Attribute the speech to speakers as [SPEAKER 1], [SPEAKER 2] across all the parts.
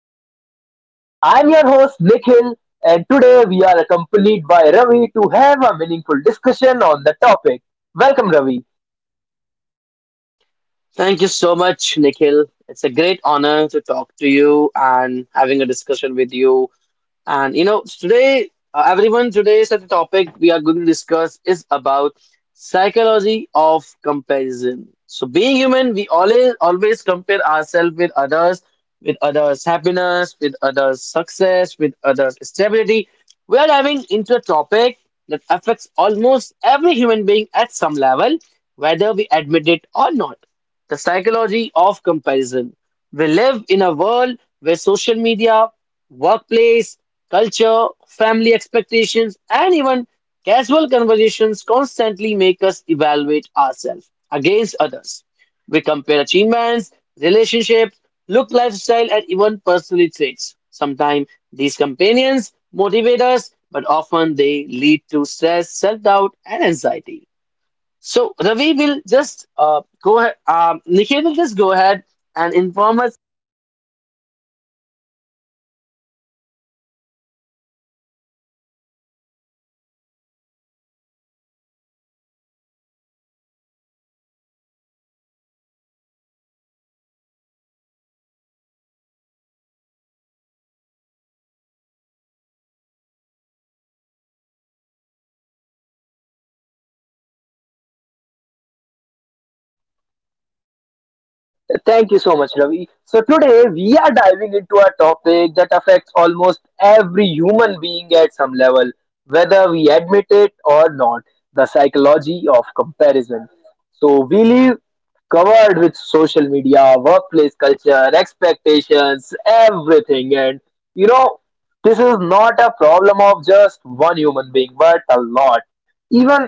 [SPEAKER 1] Pause and Play. I'm your host Nikhil, and today we are accompanied by Ravi to have a meaningful discussion on the topic. Welcome, Ravi.
[SPEAKER 2] Thank you so much, Nikhil. It's a great honor to talk to you and having a discussion with you, and you know, today, everyone, today, is the topic we are going to discuss is about psychology of comparison. So, being human, we always compare ourselves with others' happiness, with others' success, with others' stability. We are diving into a topic that affects almost every human being at some level, whether we admit it or not. The psychology of comparison. We live in a world where social media, workplace culture, family expectations, and even casual conversations constantly make us evaluate ourselves against others. We compare achievements, relationships, look, lifestyle, and even personality traits. Sometimes these companions motivate us, but often they lead to stress, self doubt, and anxiety. So, Ravi will just go ahead, Nikhil will just go ahead and inform us.
[SPEAKER 1] Thank you so much, Ravi. So, today we are diving into a topic that affects almost every human being at some level, whether we admit it or not, the psychology of comparison. So, we live covered with social media, workplace culture, expectations, everything. And you know, this is not a problem of just one human being, but a lot. Even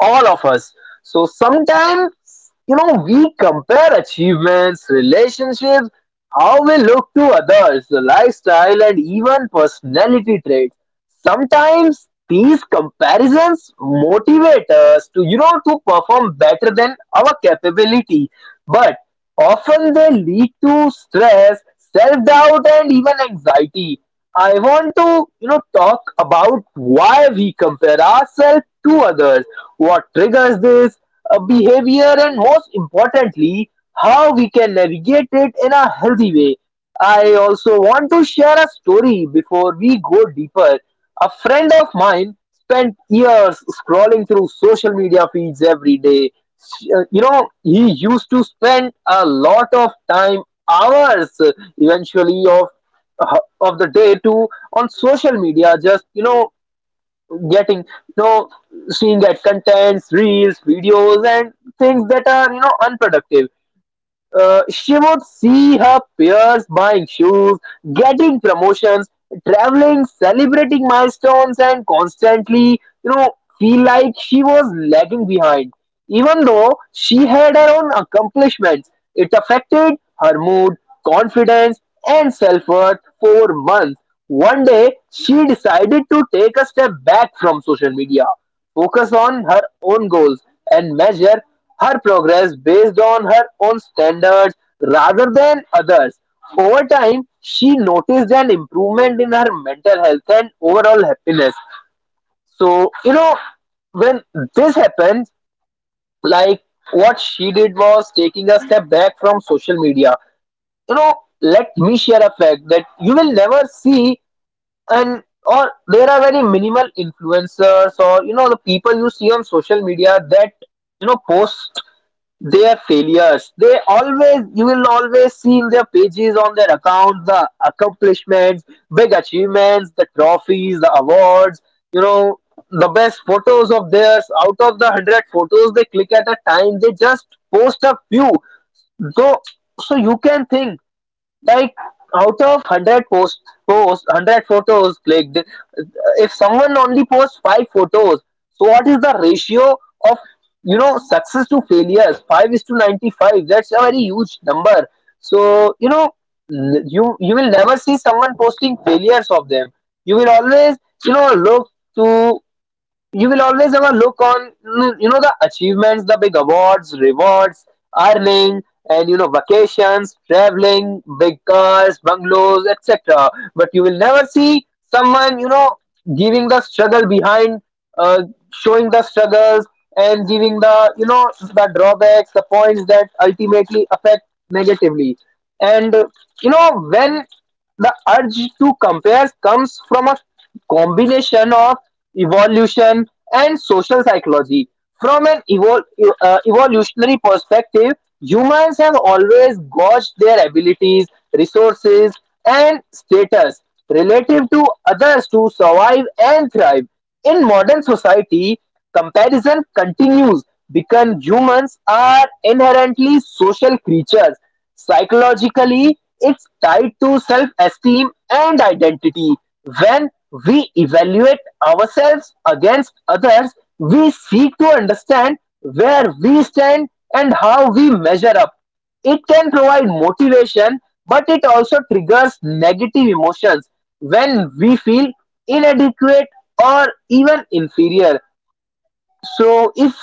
[SPEAKER 1] all of us. So sometimes, we compare achievements, relationships, how we look to others, the lifestyle, and even personality traits. Sometimes these comparisons motivate us to perform better than our capability. But often they lead to stress, self doubt, and even anxiety. I want to talk about why we compare ourselves to others, what triggers this behavior, and most importantly, how we can navigate it in a healthy way. I also want to share a story before we go deeper. A friend of mine spent years scrolling through social media feeds every day. He used to spend a lot of time, hours, eventually, of the day, to on social media, just getting, seeing at contents, reels, videos, and things that are unproductive. She would see her peers buying shoes, getting promotions, traveling, celebrating milestones, and constantly you know feel like she was lagging behind. Even though she had her own accomplishments, it affected her mood, confidence, and self-worth for months. One day, she decided to take a step back from social media, focus on her own goals, and measure her progress based on her own standards rather than others. Over time, she noticed an improvement in her mental health and overall happiness. So, when this happens, like what she did was taking a step back from social media. You know let me share a fact that you will never see, and or there are very minimal influencers, or the people you see on social media that post their failures. You will always see in their pages, on their account, the accomplishments, big achievements, the trophies, the awards, you know, the best photos of theirs. Out of the 100 photos they click at a time, they just post a few. So, so you can think like out of 100 posts 100 photos clicked, if someone only posts five photos, so what is the ratio of success to failures? 5 is to 95. That's a very huge number. So you will never see someone posting failures of them. You will always look to, you will always have a look on the achievements, the big awards, rewards, earning, and vacations, traveling, big cars, bungalows, etc. But you will never see someone giving the struggle behind, uh, showing the struggles, and giving the the drawbacks, the points that ultimately affect negatively. And when the urge to compare comes from a combination of evolution and social psychology. From an evolutionary perspective, humans have always gauged their abilities, resources, and status relative to others to survive and thrive. In modern society, comparison continues because humans are inherently social creatures. Psychologically, it's tied to self esteem and identity. When we evaluate ourselves against others, we seek to understand where we stand and how we measure up. It can provide motivation, but it also triggers negative emotions when we feel inadequate or even inferior. So if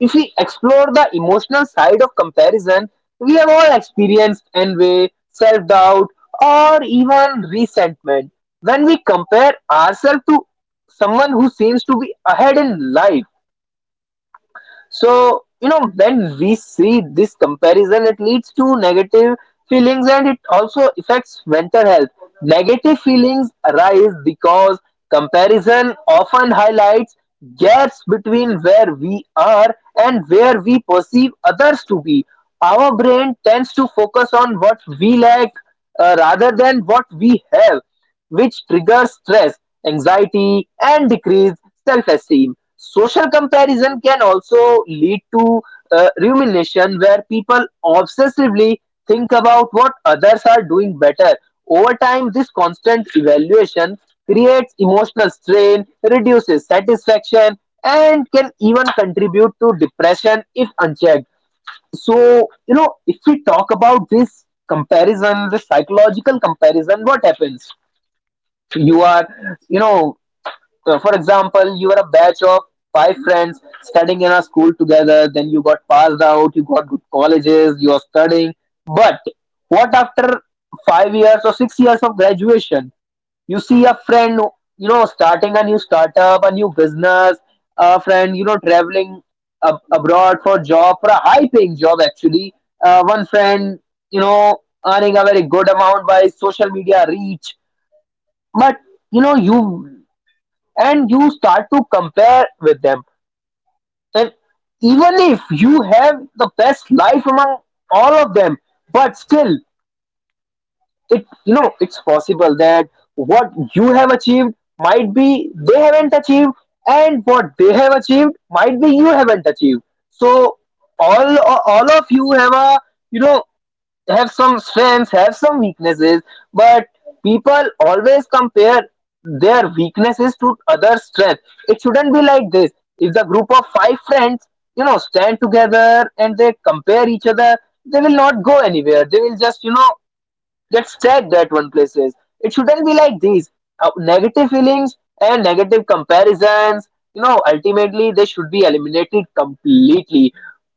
[SPEAKER 1] if we explore the emotional side of comparison, we have all experienced envy, self doubt, or even resentment when we compare ourselves to someone who seems to be ahead in life. So, when we see this comparison, it leads to negative feelings, and it also affects mental health. Negative feelings arise because comparison often highlights gaps between where we are and where we perceive others to be. Our brain tends to focus on what we lack, rather than what we have, which triggers stress, anxiety, and decrease self-esteem. Social comparison can also lead to rumination, where people obsessively think about what others are doing better. Over time, this constant evaluation creates emotional strain, reduces satisfaction, and can even contribute to depression if unchecked. So, if we talk about this comparison, this psychological comparison, what happens? You are you know for example, you are a batch of five friends studying in a school together. Then you got passed out, you got good colleges, you are studying. But what after 5 years or 6 years of graduation, you see a friend starting a new startup, a new business, a friend traveling abroad for job, for a high paying job actually. One friend you know earning a very good amount by social media reach. But you, and you start to compare with them. And even if you have the best life among all of them, but still it it's possible that what you have achieved might be they haven't achieved, and what they have achieved might be you haven't achieved. So all all of you have a you know have some strengths, have some weaknesses, but people always compare their weaknesses to other strength. It shouldn't be like this. If the group of five friends stand together and they compare each other, they will not go anywhere. They will just, gets trapped at one places. It shouldn't be like these. Negative feelings and negative comparisons, ultimately they should be eliminated completely.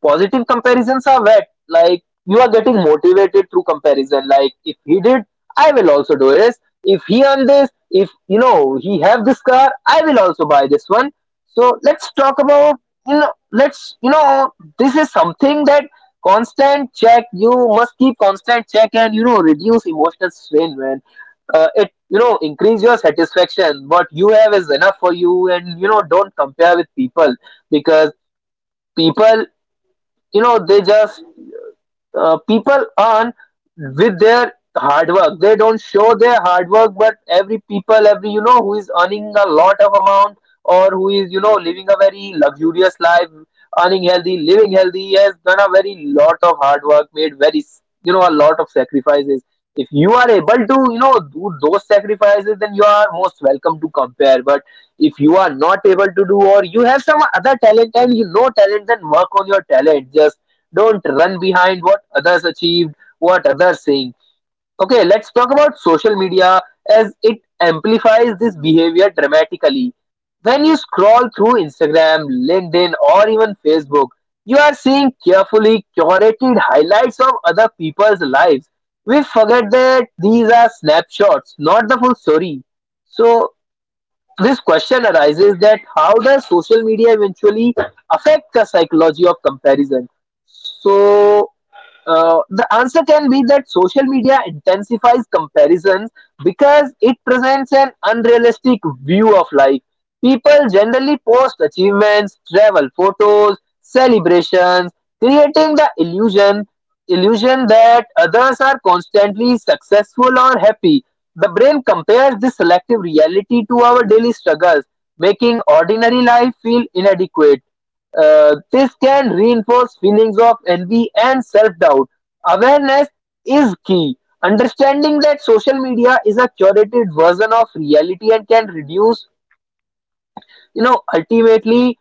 [SPEAKER 1] Positive comparisons are wet. Like you are getting motivated through comparison. Like if he did, I will also do this. If he earned this, if he have this car, I will also buy this one. So let's talk about you know let's you know this is something that constant check you must keep constant check, and reduce emotional strain, man. It increase your satisfaction. What you have is enough for you, and don't compare with people, because people they just, people earn with their hard work. They don't show their hard work, but every people, every who is earning a lot of amount, or who is living a very luxurious life, earning healthy, living healthy, has done a very lot of hard work, made very a lot of sacrifices. If you are able to do those sacrifices, then you are most welcome to compare. But if you are not able to do, or you have some other talent and talent, then work on your talent. Just don't run behind what others achieved, what others saying. Okay, let's talk about social media as it amplifies this behavior dramatically. When you scroll through Instagram, LinkedIn, or even Facebook, you are seeing carefully curated highlights of other people's lives. We forget that these are snapshots, not the full story. So, this question arises that how does social media eventually affect the psychology of comparison? So, the answer can be that social media intensifies comparisons because it presents an unrealistic view of life. People generally post achievements, travel photos, celebrations, creating the illusion that others are constantly successful or happy. The brain compares this selective reality to our daily struggles, making ordinary life feel inadequate. This can reinforce feelings of envy and self doubt. Awareness is key. Understanding that social media is a curated version of reality and can reduce, you know ultimately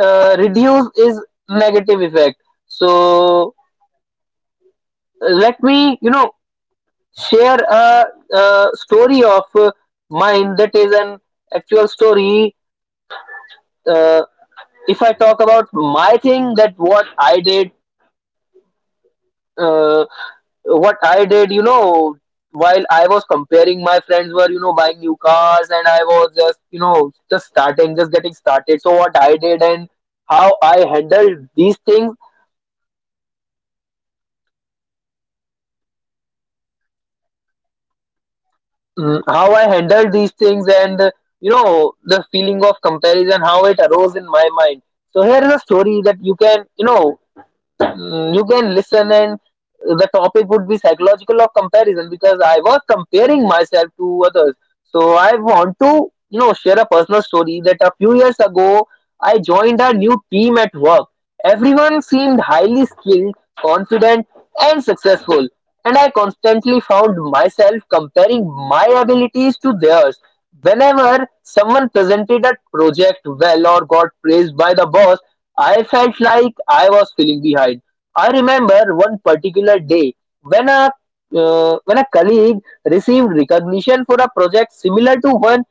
[SPEAKER 1] reduce is negative effect. So let me share a story of mine that is an actual story. Uh, if I talk about my thing, that what I did. Uh, what i did you know while I was comparing, my friends were buying new cars, and I was just just starting, just getting started. So what I did, and how I handled these things. How I handled these things, and the feeling of comparison, how it arose in my mind. So here is a story that you can you know Mm, you can listen. And the topic would be psychological of comparison because I was comparing myself to others. So I want to share a personal story that a few years ago I joined a new team at work. Everyone seemed highly skilled, confident, and successful, and I constantly found myself comparing my abilities to theirs. Whenever someone presented a project well or got praised by the boss, I felt like I was feeling behind. I remember one particular day when a when a colleague received recognition for a project similar to one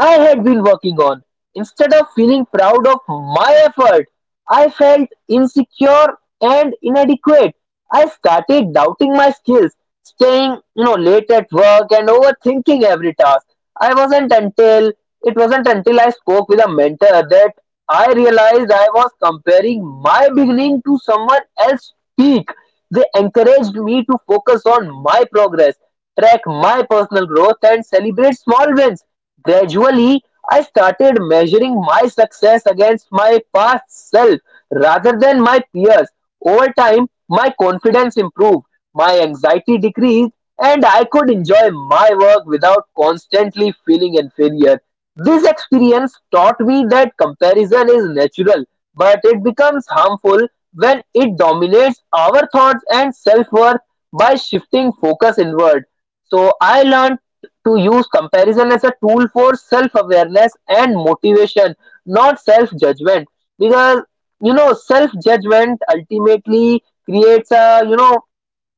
[SPEAKER 1] I had been working on. Instead of feeling proud of my effort, I felt insecure and inadequate. I started doubting my skills, staying late at work and overthinking every task. I wasn't until It wasn't until I spoke with a mentor that I realized I was comparing my beginning to someone else's peak. They encouraged me to focus on my progress, track my personal growth, and celebrate small wins. Gradually, I started measuring my success against my past self rather than my peers. Over time, my confidence improved, my anxiety decreased, and I could enjoy my work without constantly feeling inferior. This experience taught me that comparison is natural, but it becomes harmful when it dominates our thoughts and self worth, by shifting focus inward. So, I learned to use comparison as a tool for self awareness and motivation, not self judgment. Because self judgment ultimately creates a you know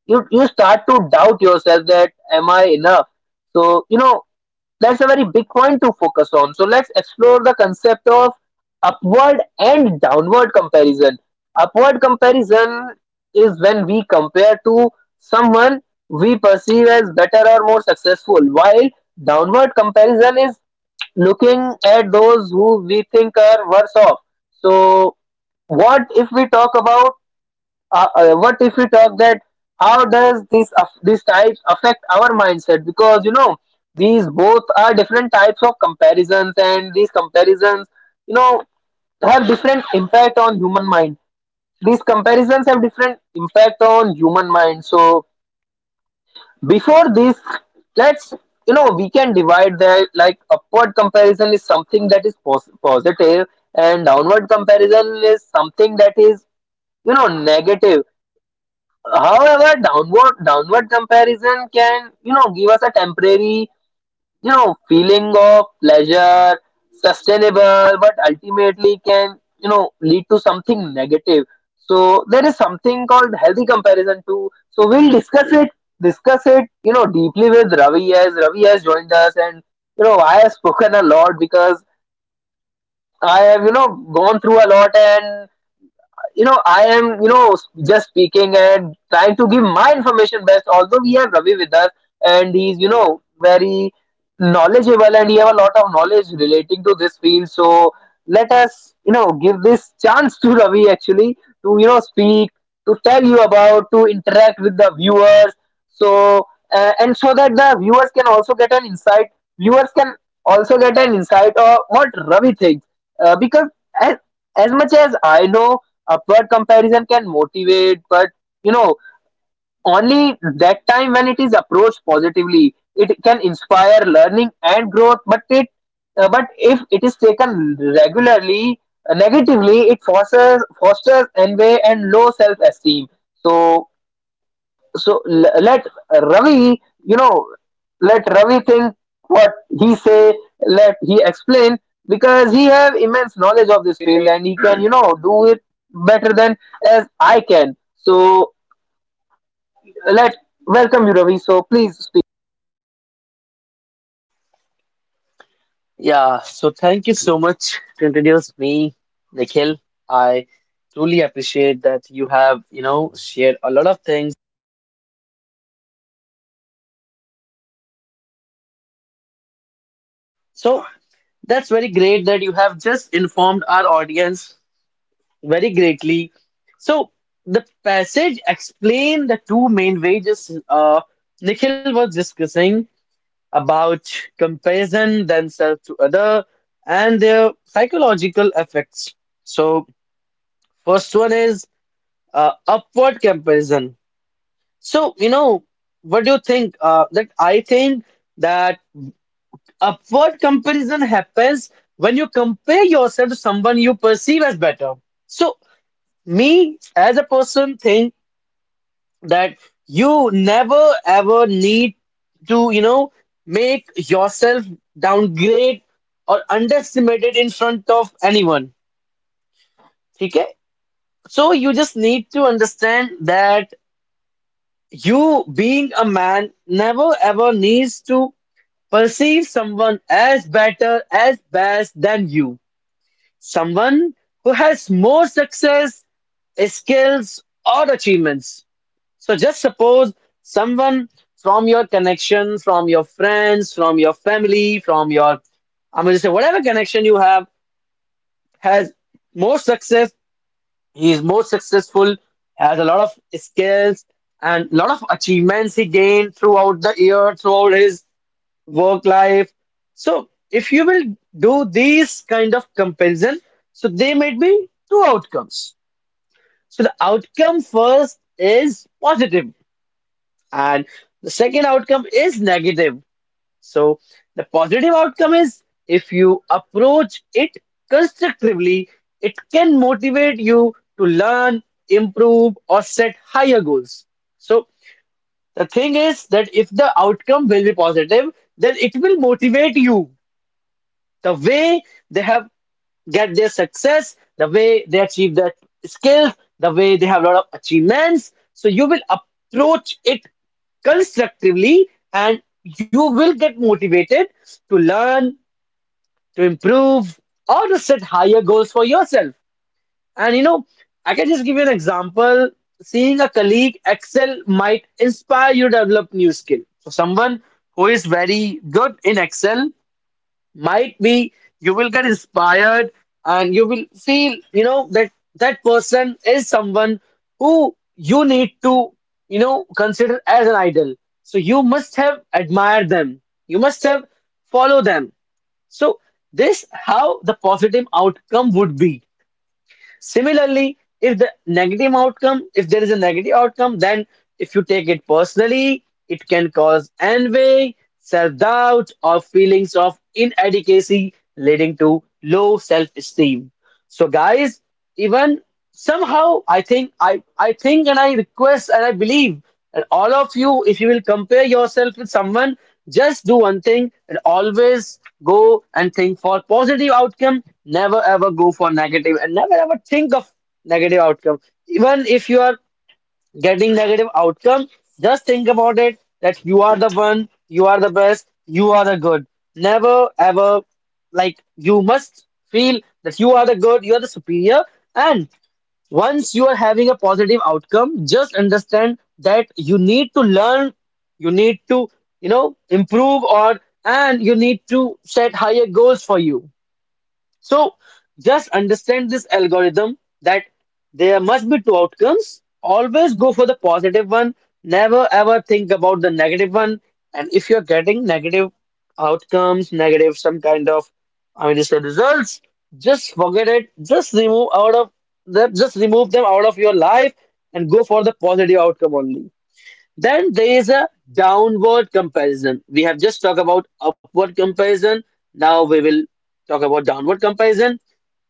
[SPEAKER 1] you you start to doubt yourself that am I enough. So that's a very big point to focus on. So let's explore the concept of upward and downward comparison. Upward comparison is when we compare to someone we perceive as better or more successful, while downward comparison is looking at those who we think are worse off. So what if we talk about what if we talk that how does this types affect our mindset? Because these both are different types of comparisons, and these comparisons you know have different impact on human mind these comparisons have different impact on human mind. So before this, let's we can divide that, like upward comparison is something that is positive and downward comparison is something that is negative. However, downward comparison can give us a temporary feeling of pleasure, sustainable, but ultimately can lead to something negative. So there is something called healthy comparison too. So we'll discuss it deeply with Ravi, as Ravi has joined us. And I have spoken a lot, because I have gone through a lot. And I am, just speaking and trying to give my information best. Although we have Ravi with us, and he's, very knowledgeable, and he have a lot of knowledge relating to this field. So let us, give this chance to Ravi actually to, speak, to tell you about, to interact with the viewers. So and so that the viewers can also get an insight. Viewers can also get an insight of what Ravi thinks, because as, as much as I know, upward comparison can motivate, but you know only that time when it is approached positively, it can inspire learning and growth. But it but if it is taken regularly negatively, it fosters envy and low self esteem. so so Let ravi you know let Ravi think what he say, let he explain, because he have immense knowledge of this field and he can do it better than as I can. So let welcome you Ravi, so please.
[SPEAKER 2] Yeah, so thank you so much to introduce me, Nikhil. I truly appreciate that you have, you know, shared a lot of things. So that's very great that you have just informed our audience very greatly. So the passage explained the two main ways Nikhil was discussing about comparison themselves to other and their psychological effects. So first one is upward comparison. So, you know, what do you think? That I think that upward comparison happens when you compare yourself to someone you perceive as better. So, me as a person think that you never ever need to, you know, make yourself downgrade or underestimated in front of anyone. Okay? So, you just need to understand that you being a man never ever needs to perceive someone as better, as best than you. Someone who has more success, skills, or achievements. So just suppose someone from your connection, from your friends, from your family, from your, I'm going to say, whatever connection you have, has more success. He is more successful, has a lot of skills and lot of achievements he gained throughout the year, throughout his work life. So if you will do these kind of comparison, so they may be two outcomes. So the outcome first is positive and the second outcome is negative. So the positive outcome is, if you approach it constructively, it can motivate you to learn, improve or set higher goals. So the thing is that if the outcome will be positive, then it will motivate you the way they have get their success, the way they achieve their skills, the way they have a lot of achievements. So you will approach it constructively and you will get motivated to learn, to improve, or to set higher goals for yourself. And you know, I can just give you an example. Seeing a colleague excel might inspire you to develop new skill. So someone who is very good in Excel might be, you will get inspired and you will feel, you know, that that person is someone who you need to, you know, consider as an idol. So you must have admired them, you must have followed them. So this how the positive outcome would be. Similarly, if the negative outcome, if there is a negative outcome, then if you take it personally, it can cause envy, self doubt, or feelings of inadequacy, leading to low self esteem. So, guys, even somehow I think and I request and I believe, and all of you, if you will compare yourself with someone, just do one thing and always go and think for positive outcome. Never ever go for negative and never ever think of negative outcome. Even if you are getting negative outcome, just think about it that you are the one, you are the best, you are the good. Never ever, like, you must feel that you are the good, you are the superior. And once you are having a positive outcome, just understand that you need to learn, you need to, you know, improve or, and you need to set higher goals for you. So just understand this algorithm that there must be two outcomes. Always go for the positive one. Never ever think about the negative one. And if you're getting negative outcomes, negative some kind of, I mean, say results, just forget it. Just remove out of them. Just remove them out of your life and go for the positive outcome only. Then there is a downward comparison. We have just talked about upward comparison. Now we will talk about downward comparison.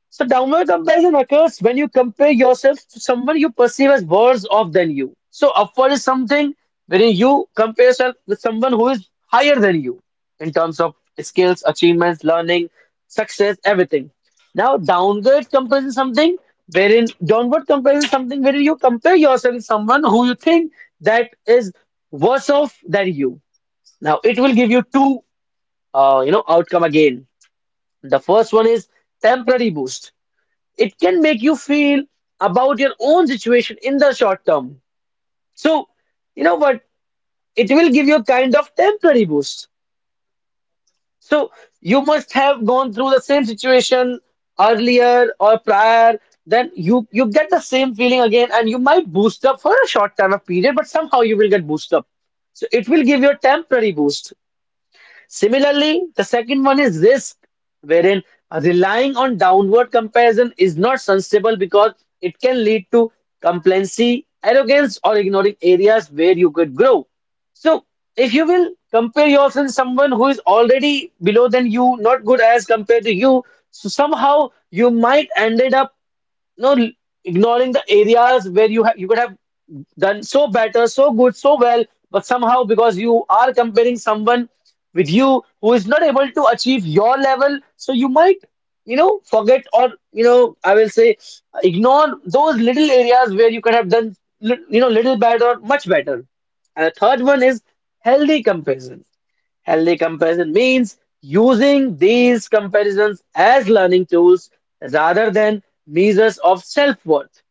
[SPEAKER 2] So downward comparison occurs when you compare yourself to someone you perceive as worse off than you. So upward is something wherein you compare yourself with someone who is higher than you in terms of skills, achievements, learning, success, everything. Now downward comparison is something wherein you compare yourself with someone who you think that is worse off than you. Now it will give you two you know, outcome again. The first one is temporary boost. It can make you feel about your own situation in the short term. So, you know what? It will give you a kind of temporary boost. So, you must have gone through the same situation earlier or prior. Then you get the same feeling again, and you might boost up for a short time of period, but somehow you will get boost up. So it will give you a temporary boost. Similarly, the second one is risk, wherein relying on downward comparison is not sensible because it can lead to complacency, arrogance, or ignoring areas where you could grow. So, if you will compare yourself to someone who is already below than you, not good as compared to you, so somehow you might ended up no l- ignoring the areas where you have you could have done so better, so good, so well, but somehow because you are comparing someone with you who is not able to achieve your level, so you might, you know, forget, or you know, I will say, ignore those little areas where you could have done you know, little better or much better. And the third one is healthy comparison. Healthy comparison means using these comparisons as learning tools rather than measures of self-worth.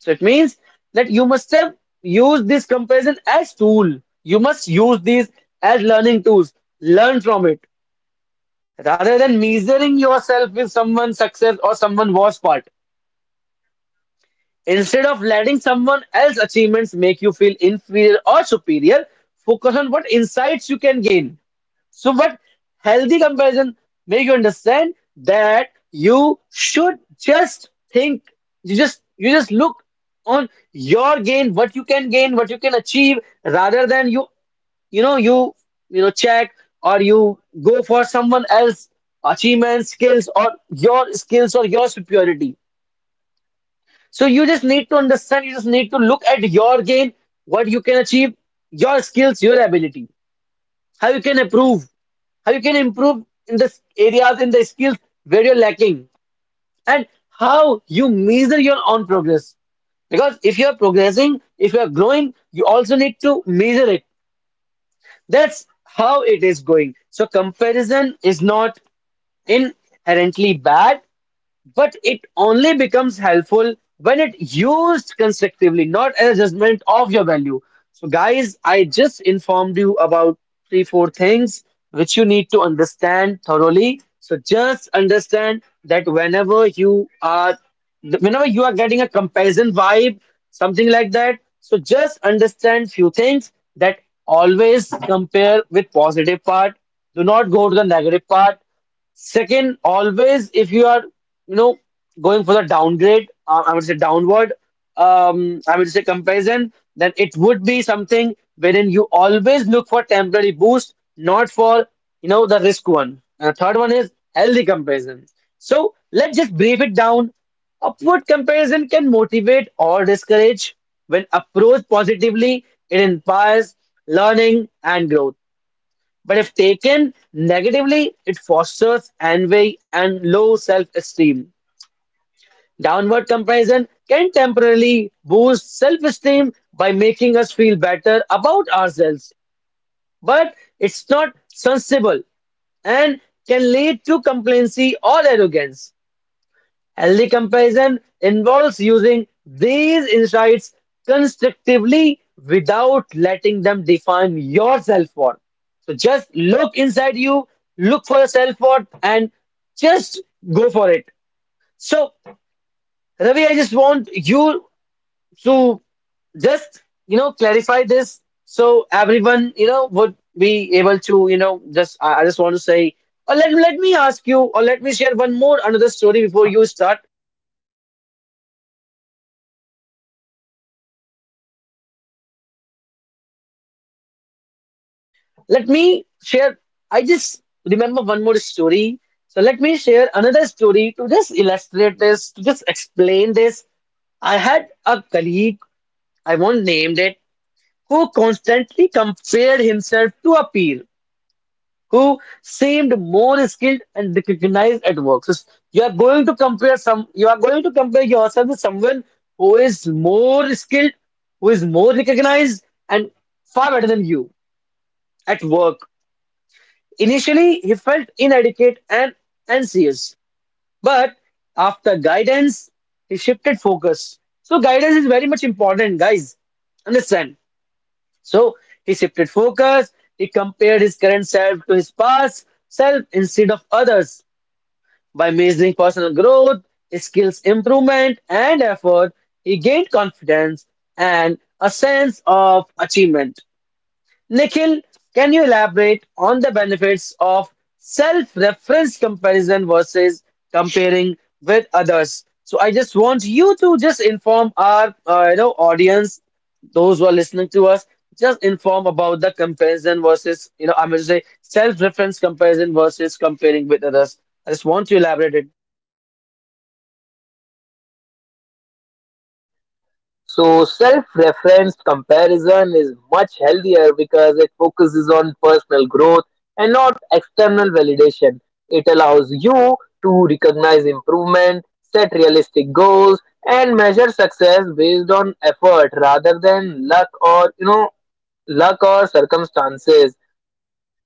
[SPEAKER 2] So it means that you must have used this comparison as tool. You must use these as learning tools. Learn from it rather than measuring yourself with someone's success or someone was part. Instead of letting someone else's achievements make you feel inferior or superior, focus on what insights you can gain. So, but healthy comparison make you understand that you should just think, you just look on your gain, what you can gain, what you can achieve, rather than you know you you know check, or you go for someone else achievements, skills or your superiority. So you just need to understand, you just need to look at your gain, what you can achieve, your skills, your ability, how you can improve, in the areas, in the skills where you're lacking, and how you measure your own progress. Because if you're progressing, if you're growing, you also need to measure it. That's how it is going. So comparison is not inherently bad, but it only becomes helpful when it used constructively, not as a judgment of your value. So, guys, I just informed you about three, four things which you need to understand thoroughly. So, just understand that whenever you are getting a comparison vibe, something like that. So, just understand few things that always compare with positive part. Do not go to the negative part. Second, always if you are, you know, going for the downgrade, I would say downward, I would say comparison, then it would be something wherein you always look for temporary boost, not for, you know, the risk one. And the third one is healthy comparison. So let's just brief it down. Upward comparison can motivate or discourage. When approached positively, it inspires learning and growth. But if taken negatively, it fosters envy and low self esteem. Downward comparison can temporarily boost self esteem by making us feel better about ourselves, but it's not sensible and can lead to complacency or arrogance. Healthy comparison involves using these insights constructively without letting them define your self worth. So just look inside you, look for a self worth, and just go for it. So, Ravi, I just want you to just, you know, clarify this so everyone, you know, would be able to, you know, just, I just want to say, or let, let me ask you, or let me share one more another story before you start. Let me share. I just remember one more story. So let me share another story to just illustrate this, to just explain this. I had a colleague, I won't name it, who constantly compared himself to a peer who seemed more skilled and recognized at work. So you are going to compare some, you are going to compare yourself with someone who is more skilled, who is more recognized, and far better than you at work. Initially, he felt inadequate and anxious, but after guidance, he shifted focus. So, guidance is very much important, guys. Understand? So, he shifted focus, he compared his current self to his past self instead of others. By measuring personal growth, skills improvement, and effort, he gained confidence and a sense of achievement. Nikhil, can you elaborate on the benefits of self reference comparison versus comparing with others? So I just want you to just inform our you know, audience, those who are listening to us, just inform about the comparison versus, you know, I'm going to say self reference comparison versus comparing with others. I just want to elaborate it.
[SPEAKER 1] So self-referenced comparison is much healthier because it focuses on personal growth and not external validation. It allows you to recognize improvement, set realistic goals, and measure success based on effort rather than luck or circumstances.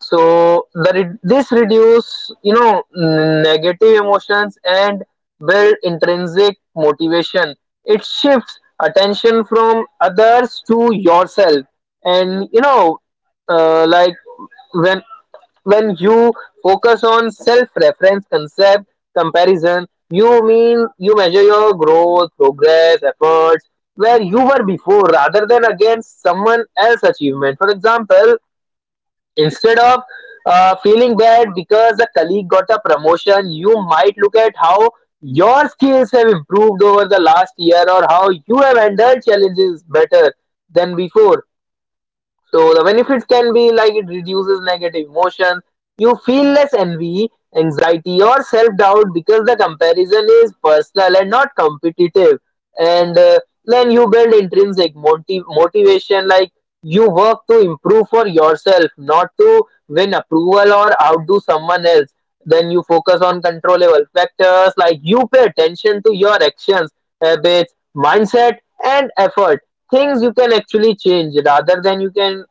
[SPEAKER 1] So this reduce negative emotions and build intrinsic motivation. It shifts attention from others to yourself. And like when when you focus on self reference concept comparison, you mean you measure your growth, progress, efforts, where you were before rather than against someone else's achievement. For example, instead of feeling bad because a colleague got a promotion, you might look at how your skills have improved over the last year, or how you have handled challenges better than before. So the benefits can be like, it reduces negative emotions. You feel less envy, anxiety, or self-doubt because the comparison is personal and not competitive. And Then you build intrinsic motivation, like you work to improve for yourself, not to win approval or outdo someone else. Then you focus on controllable factors, like you pay attention to your actions, habits, mindset, and effort, things you can actually change rather than you can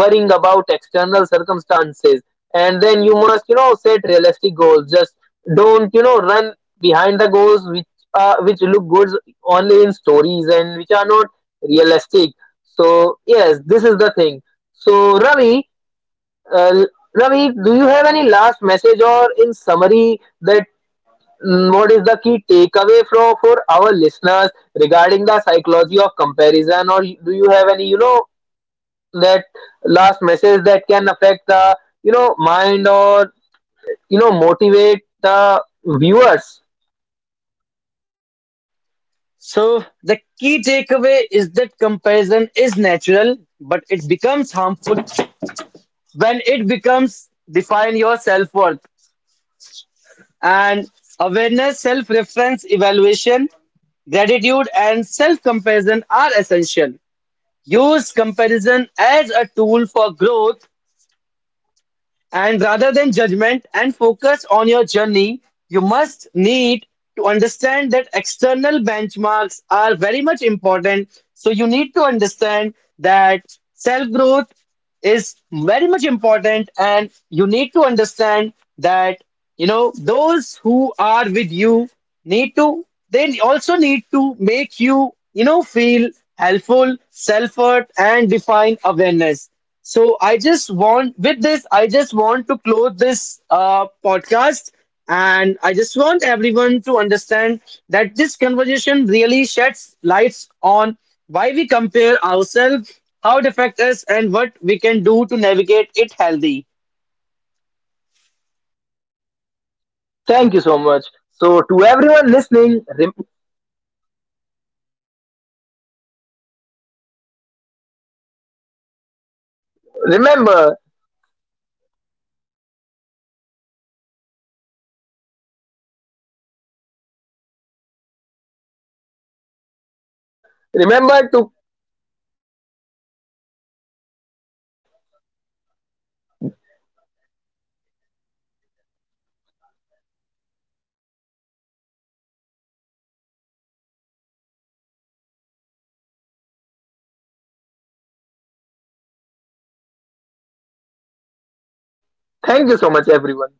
[SPEAKER 1] worrying about external circumstances. And then you must set realistic goals. Just don't run behind the goals which look good only in stories and which are not realistic. So yes, this is the thing. So Ravi, uh, Ravi, do you have any last message or in summary, that what is the key takeaway from for our listeners regarding the psychology of comparison? Or do you have any that last message that can affect the mind, or motivate the viewers?
[SPEAKER 2] So the key takeaway is that comparison is natural, but it becomes harmful when it becomes define your self worth, and awareness, self reference, evaluation, gratitude, and self comparison are essential. Use comparison as a tool for growth and rather than judgment, and focus on your journey. You must need to understand that external benchmarks are very much important. So, you need to understand that self growth is very much important, and you need to understand that, you know, those who are with you need to, they also need to make you, you know, feel helpful self-worth and define awareness. So I just want, with this, I just want to close this podcast, and I just want everyone to understand that this conversation really sheds lights on why we compare ourselves, how the effect is, and what we can do to navigate it healthy.
[SPEAKER 1] Thank you so much. So to everyone listening, remember remember to, thank you so much everyone.